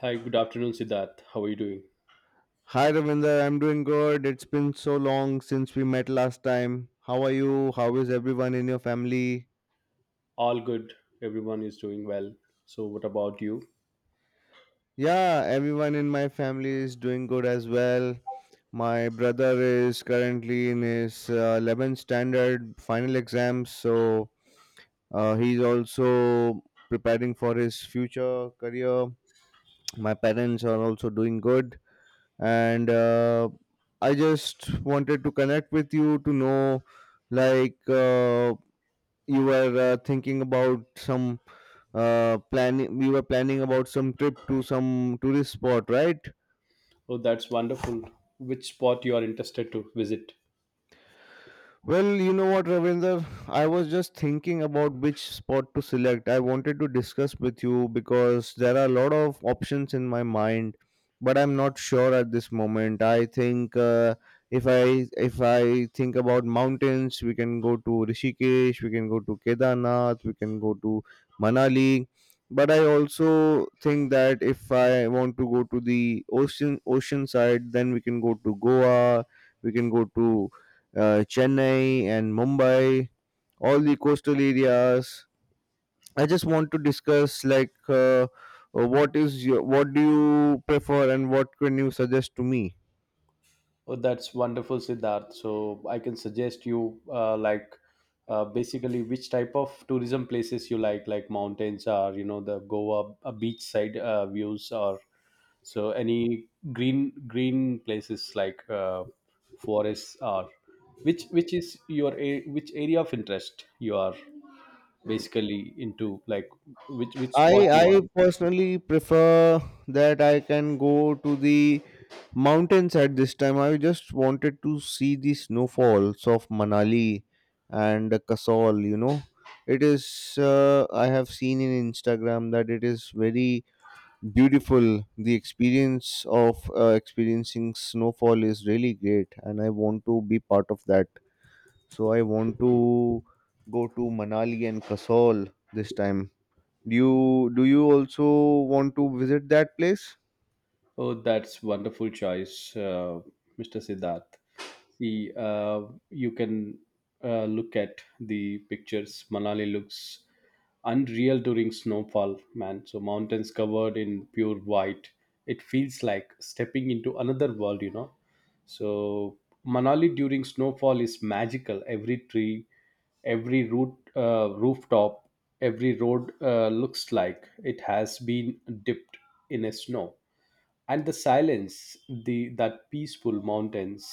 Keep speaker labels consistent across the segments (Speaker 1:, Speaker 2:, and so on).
Speaker 1: Hi, good afternoon, Siddharth. How are you doing?
Speaker 2: Hi Ravinder, I'm doing good. It's been so long since we met last time. How are you? How is everyone in your family?
Speaker 1: All good. Everyone is doing well. So, what about you?
Speaker 2: Yeah, everyone in my family is doing good as well. My brother is currently in his 11th standard final exams, so he's also preparing for his future career. My parents are also doing good, and I just wanted to connect with you to know like uh, you were thinking about some planning. We were planning about some trip to some tourist spot, right?
Speaker 1: Oh, that's wonderful. Which spot you are interested to visit?
Speaker 2: Well, you know what, Ravinder? I was just thinking about which spot to select. I wanted to discuss with you because there are a lot of options in my mind, but I'm not sure at this moment. I think if I think about mountains, we can go to Rishikesh, we can go to Kedarnath, we can go to Manali. But I also think that if I want to go to the ocean side, then we can go to Goa, we can go to Chennai and Mumbai, all the coastal areas. I just want to discuss what do you prefer and what can you suggest to me?
Speaker 1: Oh, that's wonderful, Siddharth. So, I can suggest you like basically which type of tourism places you like mountains or you know the Goa beachside views or so any green places like forests or which is your which area of interest you are basically into, like which
Speaker 2: I
Speaker 1: spot you
Speaker 2: I
Speaker 1: want to.
Speaker 2: personally prefer that I can go to the mountains at this time. I just wanted to see the snowfalls of Manali and Kasol. You know, it is I have seen in Instagram that it is very beautiful. The experience of experiencing snowfall is really great, and I want to be part of that, so I want to go to Manali and Kasol this time. Do you also want to visit that place?
Speaker 1: Oh, that's wonderful choice, Mr. Siddharth. See, you can look at the pictures. Manali looks unreal during snowfall, man. So mountains covered in pure white. It feels like stepping into another world, you know. So Manali during snowfall is magical. Every tree, every root, rooftop, every road looks like it has been dipped in a snow, and the silence, the that peaceful mountains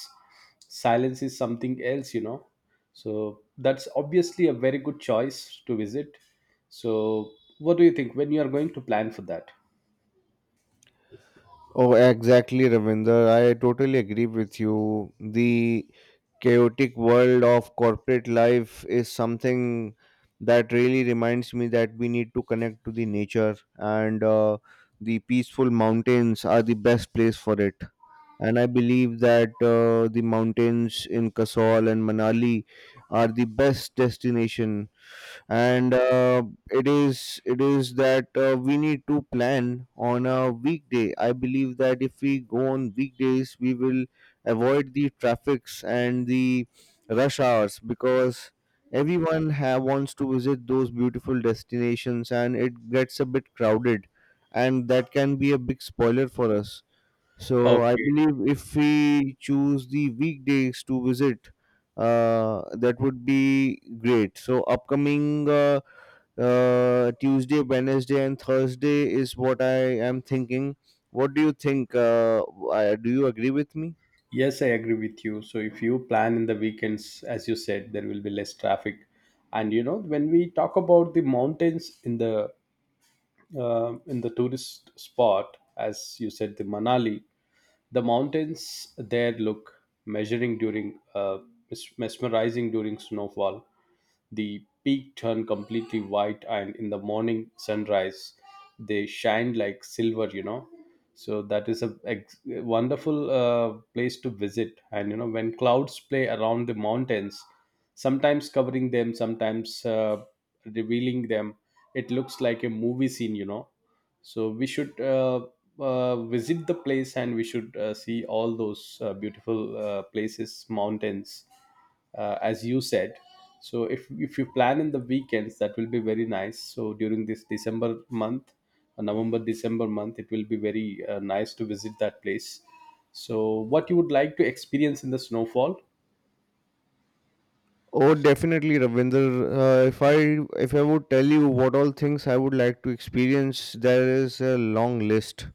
Speaker 1: silence is something else, you know. So that's obviously a very good choice to visit. So what do you think? When you are going to plan for that?
Speaker 2: Oh, exactly, Ravinder. I totally agree with you. The chaotic world of corporate life is something that really reminds me that we need to connect to the nature, and the peaceful mountains are the best place for it. And I believe that the mountains in Kasol and Manali are the best destination, and it is that we need to plan on a weekday. I believe that if we go on weekdays we will avoid the traffics and the rush hours because wants to visit those beautiful destinations and it gets a bit crowded, and that can be a big spoiler for us. So I
Speaker 1: Okay.
Speaker 2: believe if we choose the weekdays to visit, that would be great. So upcoming Tuesday, Wednesday, and Thursday is what I am thinking. What do you think? Do you agree with me?
Speaker 1: Yes, I agree with you. So if you plan in the weekends as you said, there will be less traffic. And you know, when we talk about the mountains in the tourist spot, as you said, the Manali, the mountains there look measuring during mesmerizing during snowfall. The peak turned completely white, and in the morning sunrise, they shined like silver, you know. So that is a wonderful place to visit. And you know, when clouds play around the mountains, sometimes covering them, sometimes revealing them, it looks like a movie scene, you know. So we should visit the place, and we should see all those beautiful places, mountains, as you said. So if you plan in the weekends, that will be very nice. So during this December month, November December month, it will be very nice to visit that place. So what you would like to experience in the snowfall?
Speaker 2: Oh, definitely, Ravinder. If I would tell you what all things I would like to experience, there is a long list.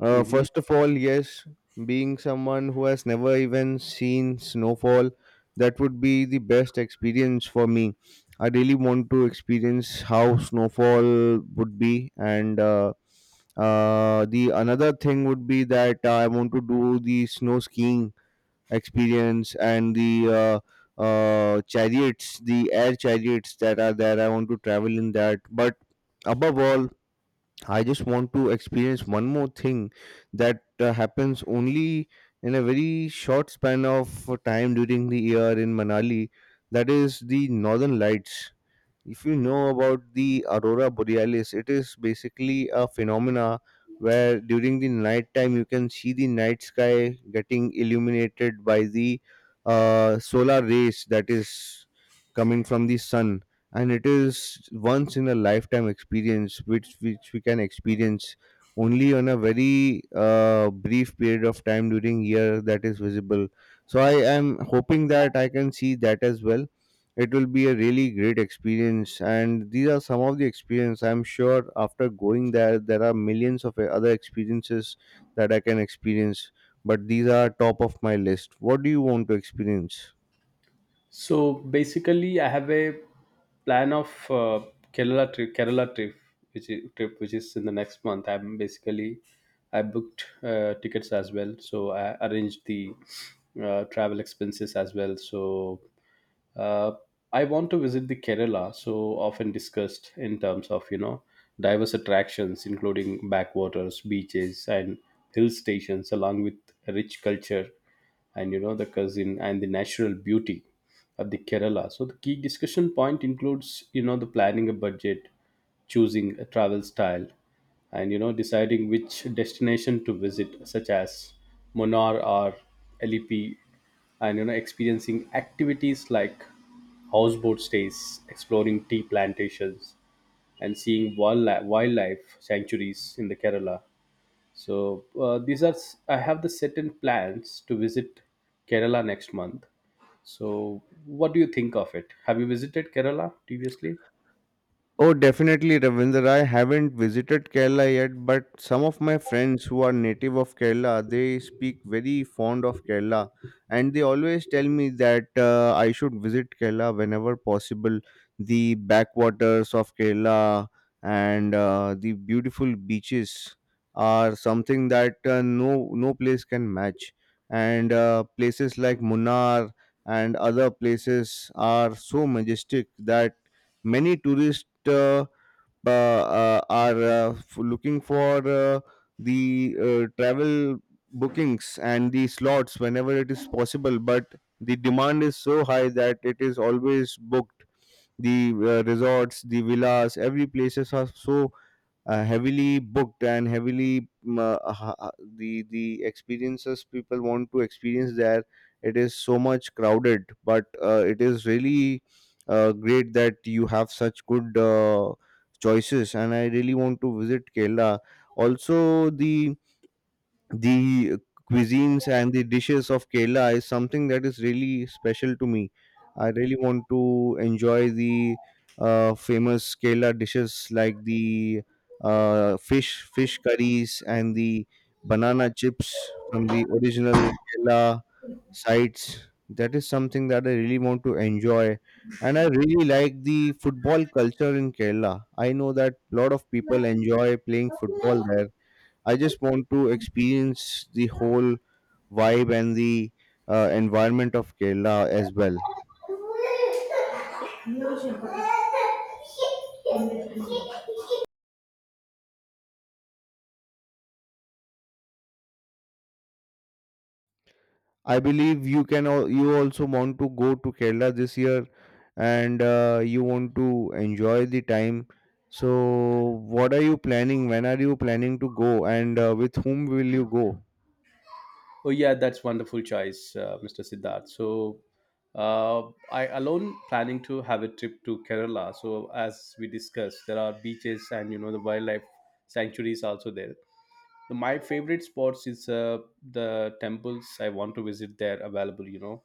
Speaker 1: Mhm.
Speaker 2: First of all, yes, being someone who has never even seen snowfall, that would be the best experience for me. I really want to experience how snowfall would be, and the another thing would be that I want to do the snow skiing experience and the chariots, the air chariots that are there. I want to travel in that, but above all I just want to experience one more thing that happens only in a very short span of time during the year in Manali. That is the Northern Lights. If you know about the aurora borealis, it is basically a phenomena where during the night time you can see the night sky getting illuminated by the solar rays that is coming from the sun, and it is once in a lifetime experience which we can experience only on a very brief period of time during year that is visible. So I am hoping that I can see that as well. It will be a really great experience, and these are some of the experience. I'm sure after going there, there are millions of other experiences that I can experience, but these are top of my list. What do you want to experience?
Speaker 1: So basically, I have a plan of Kerala trip which is in the next month. I'm basically, I booked tickets as well, so I arranged the travel expenses as well. So uh, I want to visit the Kerala, so often discussed in terms of, you know, diverse attractions, including backwaters, beaches, and hill stations, along with rich culture, and you know, the cousin and the natural beauty of the Kerala. So the key discussion point includes, you know, the planning a budget, choosing a travel style, and you know, deciding which destination to visit, such as Monar or LEP, and you know, experiencing activities like houseboat stays, exploring tea plantations, and seeing wildlife sanctuaries in the Kerala. So these are s- I have the certain plans to visit Kerala next month. So what do you think of it? Have you visited Kerala previously?
Speaker 2: Oh, definitely, Ravinder. I haven't visited Kerala yet, but some of my friends who are native of Kerala, they speak very fond of Kerala, and they always tell me that I should visit Kerala whenever possible. The backwaters of Kerala and the beautiful beaches are something that no place can match, and places like Munnar and other places are so majestic that many tourists are looking for the travel bookings and the slots whenever it is possible, but the demand is so high that it is always booked. The resorts, the villas, every places are so heavily booked and heavily the experiences people want to experience there, it is so much crowded, but it is really great that you have such good choices, and I really want to visit Kerala. Also, the cuisines and the dishes of Kerala is something that is really special to me. I really want to enjoy the famous Kerala dishes like the fish curries and the banana chips from the original Kerala sites. That is something that I really want to enjoy. And I really like the football culture in Kerala. I know that a lot of people enjoy playing football there. I just want to experience the whole vibe and the environment of Kerala as well. I believe you can you also want to go to Kerala this year, and you want to enjoy the time. So what are you planning? When are you planning to go, and with whom will you go?
Speaker 1: Oh yeah, that's wonderful choice, Mr. Siddharth. So I alone planning to have a trip to Kerala. So as we discussed, there are beaches, and you know, the wildlife sanctuaries also there. My favorite spots is the temples I want to visit there. Available, you know,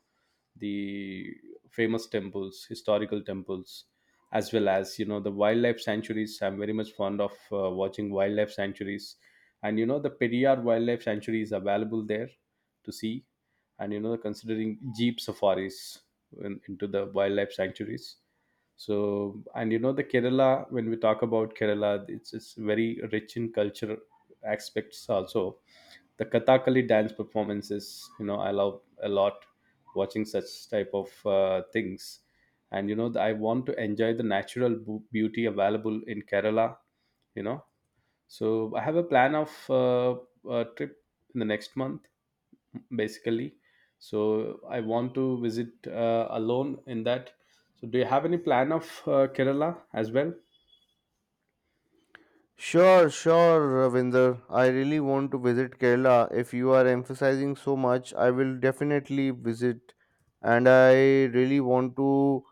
Speaker 1: the famous temples, historical temples, as well as, you know, the wildlife sanctuaries. I'm very much fond of watching wildlife sanctuaries, and you know, the Periyar wildlife sanctuary is available there to see, and you know, considering jeep safaris in, into the wildlife sanctuaries. So, and you know, the Kerala, when we talk about Kerala, it's very rich in culture aspects also, the Kathakali dance performances, you know, I love a lot watching such type of things. And you know, I want to enjoy the natural beauty available in Kerala, you know. So I have a plan of a trip in the next month basically. So I want to visit alone in that. So do you have any plan of Kerala as well?
Speaker 2: Sure, sure, Ravinder. I really want to visit Kerala. If you are emphasizing so much, I will definitely visit, and I really want to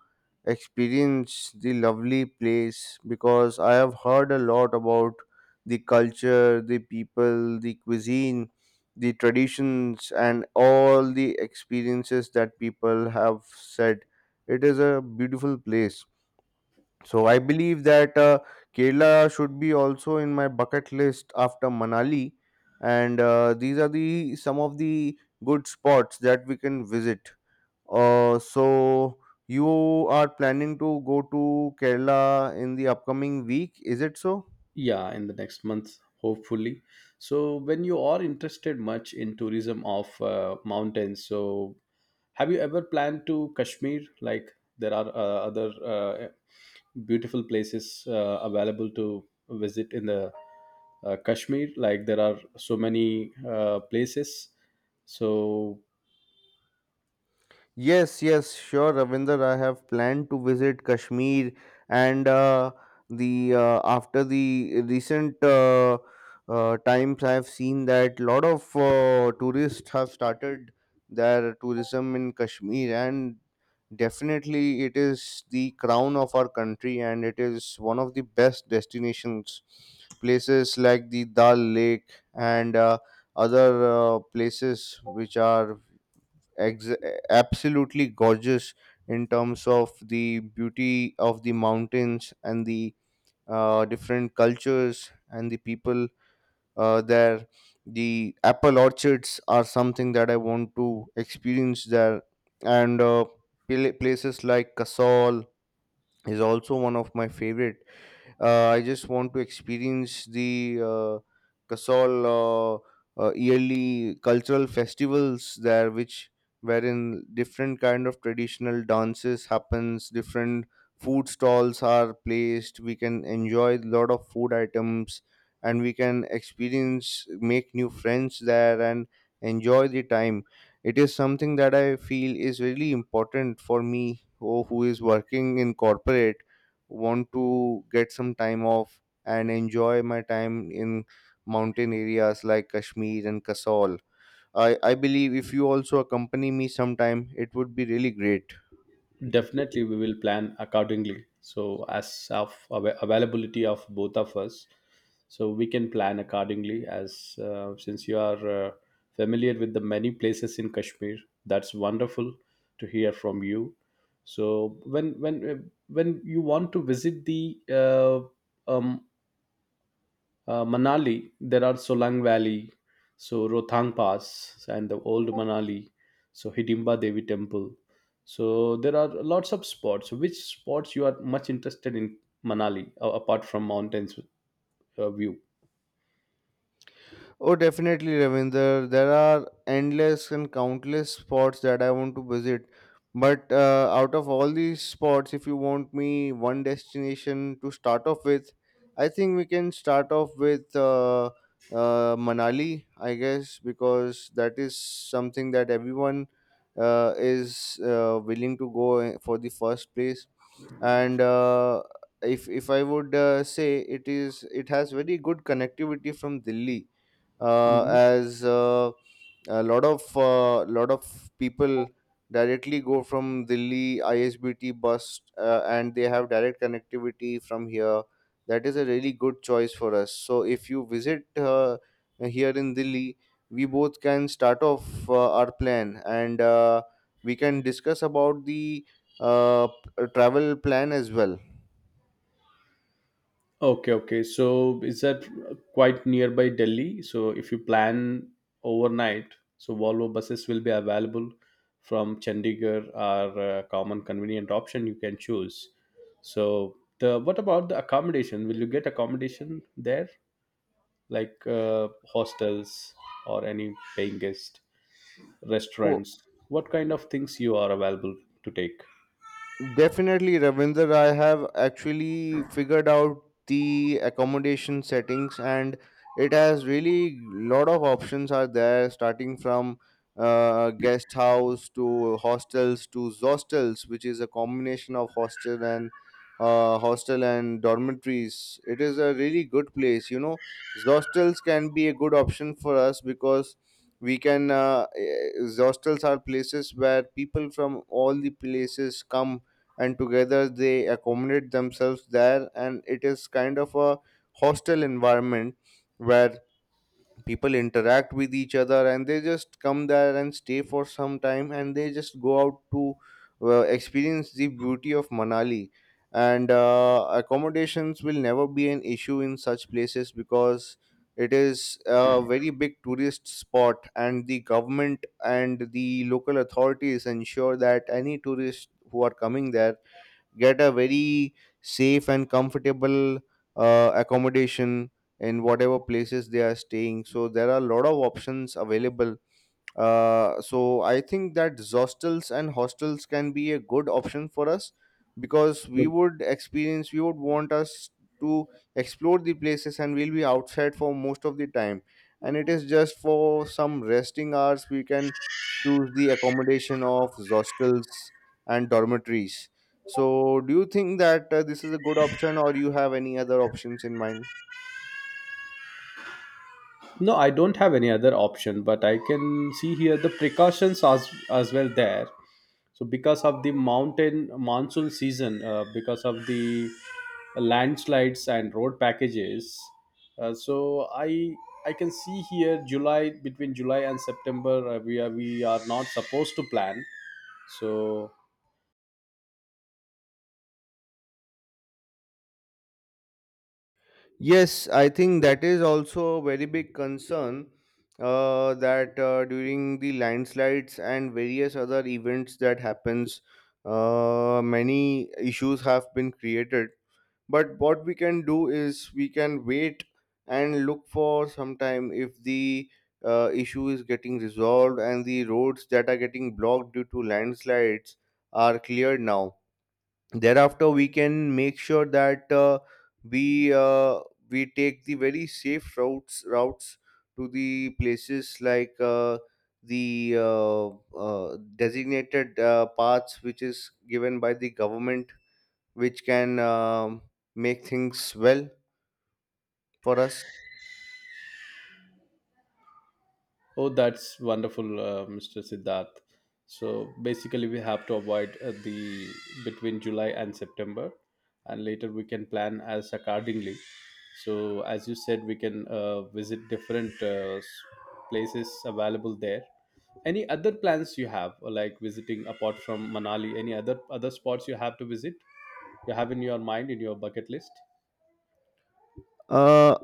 Speaker 2: experience the lovely place because I have heard a lot about the culture, the people, the cuisine, the traditions, and all the experiences that people have said. It is a beautiful place. So I believe that Kerala should be also in my bucket list after Manali, and these are the some of the good spots that we can visit. So you are planning to go to Kerala in the upcoming week, is it so?
Speaker 1: Yeah, in the next month hopefully. So when you are interested much in tourism of mountains, so have you ever planned to Kashmir? Like, there are other beautiful places available to visit in the Kashmir. Like, there are so many places. So,
Speaker 2: Yes, yes, sure, Ravinder. I have planned to visit Kashmir, and the after the recent times, I have seen that lot of tourists have started their tourism in Kashmir, and definitely it is the crown of our country, and it is one of the best destinations. Places like the Dal Lake and other places which are ex- absolutely gorgeous in terms of the beauty of the mountains and the different cultures and the people there. The apple orchards are something that I want to experience there, and places like Kasol is also one of my favorite. I just want to experience the Kasol yearly cultural festivals there, which wherein different kind of traditional dances happens, different food stalls are placed. We can enjoy a lot of food items, and we can experience make new friends there and enjoy the time. It is something that I feel is really important for me, who is working in corporate, want to get some time off and enjoy my time in mountain areas like Kashmir and Kasol. I believe if you also accompany me sometime, it would be really great.
Speaker 1: definitely, we will plan accordingly. So, as of availability of both of us, so we can plan accordingly. As since you are familiar with the many places in Kashmir, that's wonderful to hear from you. So, when you want to visit the um, Manali, there are Solang Valley, so Rothang Pass, and the old Manali, so Hidimba Devi Temple. So there are lots of spots. Which spots you are much interested in Manali, apart from mountains view?
Speaker 2: Oh, definitely, Ravinder. There are endless and countless spots that I want to visit. But out of all these spots, if you want me one destination to start off with, I think we can start off with Manali, I guess, because that is something that everyone is willing to go for the first place. And if I would say it is, it has very good connectivity from Delhi
Speaker 1: Mhm.
Speaker 2: as a lot of people directly go from Delhi ISBT bus and they have direct connectivity from here. That is a really good choice for us. So if you visit here in Delhi, we both can start off our plan, and we can discuss about the travel plan as well.
Speaker 1: Okay, okay. So is that quite nearby Delhi? So if you plan overnight, so Volvo buses will be available from Chandigarh are a common convenient option you can choose. So the, what about the accommodation? Will you get accommodation there, like hostels or any paying guest restaurants? What kind of things you are available to take?
Speaker 2: Definitely, Ravinder. I have actually figured out the accommodation settings, and it has really lot of options are there, starting from guest house to hostels to zostels, which is a combination of hostel and dormitories. It is a really good place. You know, zostels can be a good option for us because we can. Zostels are places where people from all the places come and together they accommodate themselves there, and it is kind of a hostel environment where people interact with each other, and they just come there and stay for some time, and they just go out to experience the beauty of Manali, and accommodations will never be an issue in such places because it is a very big tourist spot, and the government and the local authorities ensure that any tourists who are coming there get a very safe and comfortable accommodation in whatever places they are staying. So there are a lot of options available. So I think that hostels and hostels can be a good option for us because we would experience, we would want us to explore the places, and we'll be outside for most of the time. And it is just for some resting hours we can choose the accommodation of hostels and dormitories. So do you think that this is a good option, or you have any other options in mind?
Speaker 1: No, I don't have any other option, but I can see here the precautions as well there. So because of the mountain monsoon season, because of the landslides and road packages, so I can see here July, between July and September, we are not supposed to plan. So,
Speaker 2: Yes, I think that is also a very big concern that during the landslides and various other events that happens, many issues have been created. But what we can do is we can wait and look for some time if the issue is getting resolved and the roads that are getting blocked due to landslides are cleared now. Thereafter, we can make sure that we uh, we take the very safe routes to the places like the designated paths which is given by the government, which can make things well for us.
Speaker 1: oh, that's wonderful, Mr. Siddharth. So basically, we have to avoid the between July and September, and later we can plan as accordingly. So as you said, we can visit different places available there. Any other plans you have, or like visiting apart from Manali? Any other spots you have to visit? You have in your mind, in your bucket list?
Speaker 2: Uh,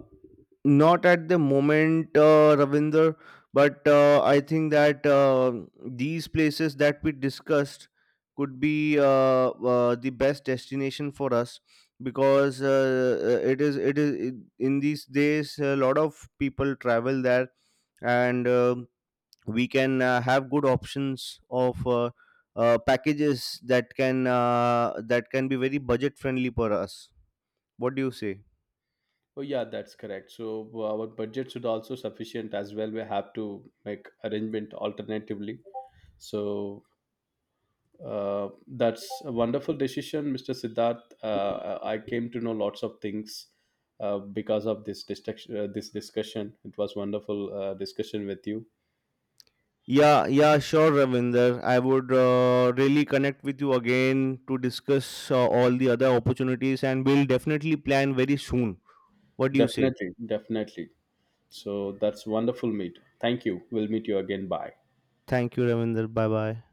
Speaker 2: not at the moment, Ravinder, but I think that these places that we discussed could be the best destination for us because in these days a lot of people travel there, and we can have good options of packages that can be very budget friendly for us. What do you say?
Speaker 1: Oh yeah, that's correct. So our budget should also sufficient as well. We have to make arrangement alternatively. So that's a wonderful decision, Mr. Siddharth. I came to know lots of things because of this discussion. It was wonderful discussion with you.
Speaker 2: Yeah, yeah, sure, Ravinder. I would really connect with you again to discuss all the other opportunities, and we'll definitely plan very soon. What do you say?
Speaker 1: Definitely, definitely. So that's wonderful meet. Thank you. We'll meet you again. Bye.
Speaker 2: Thank you, Ravinder. Bye bye.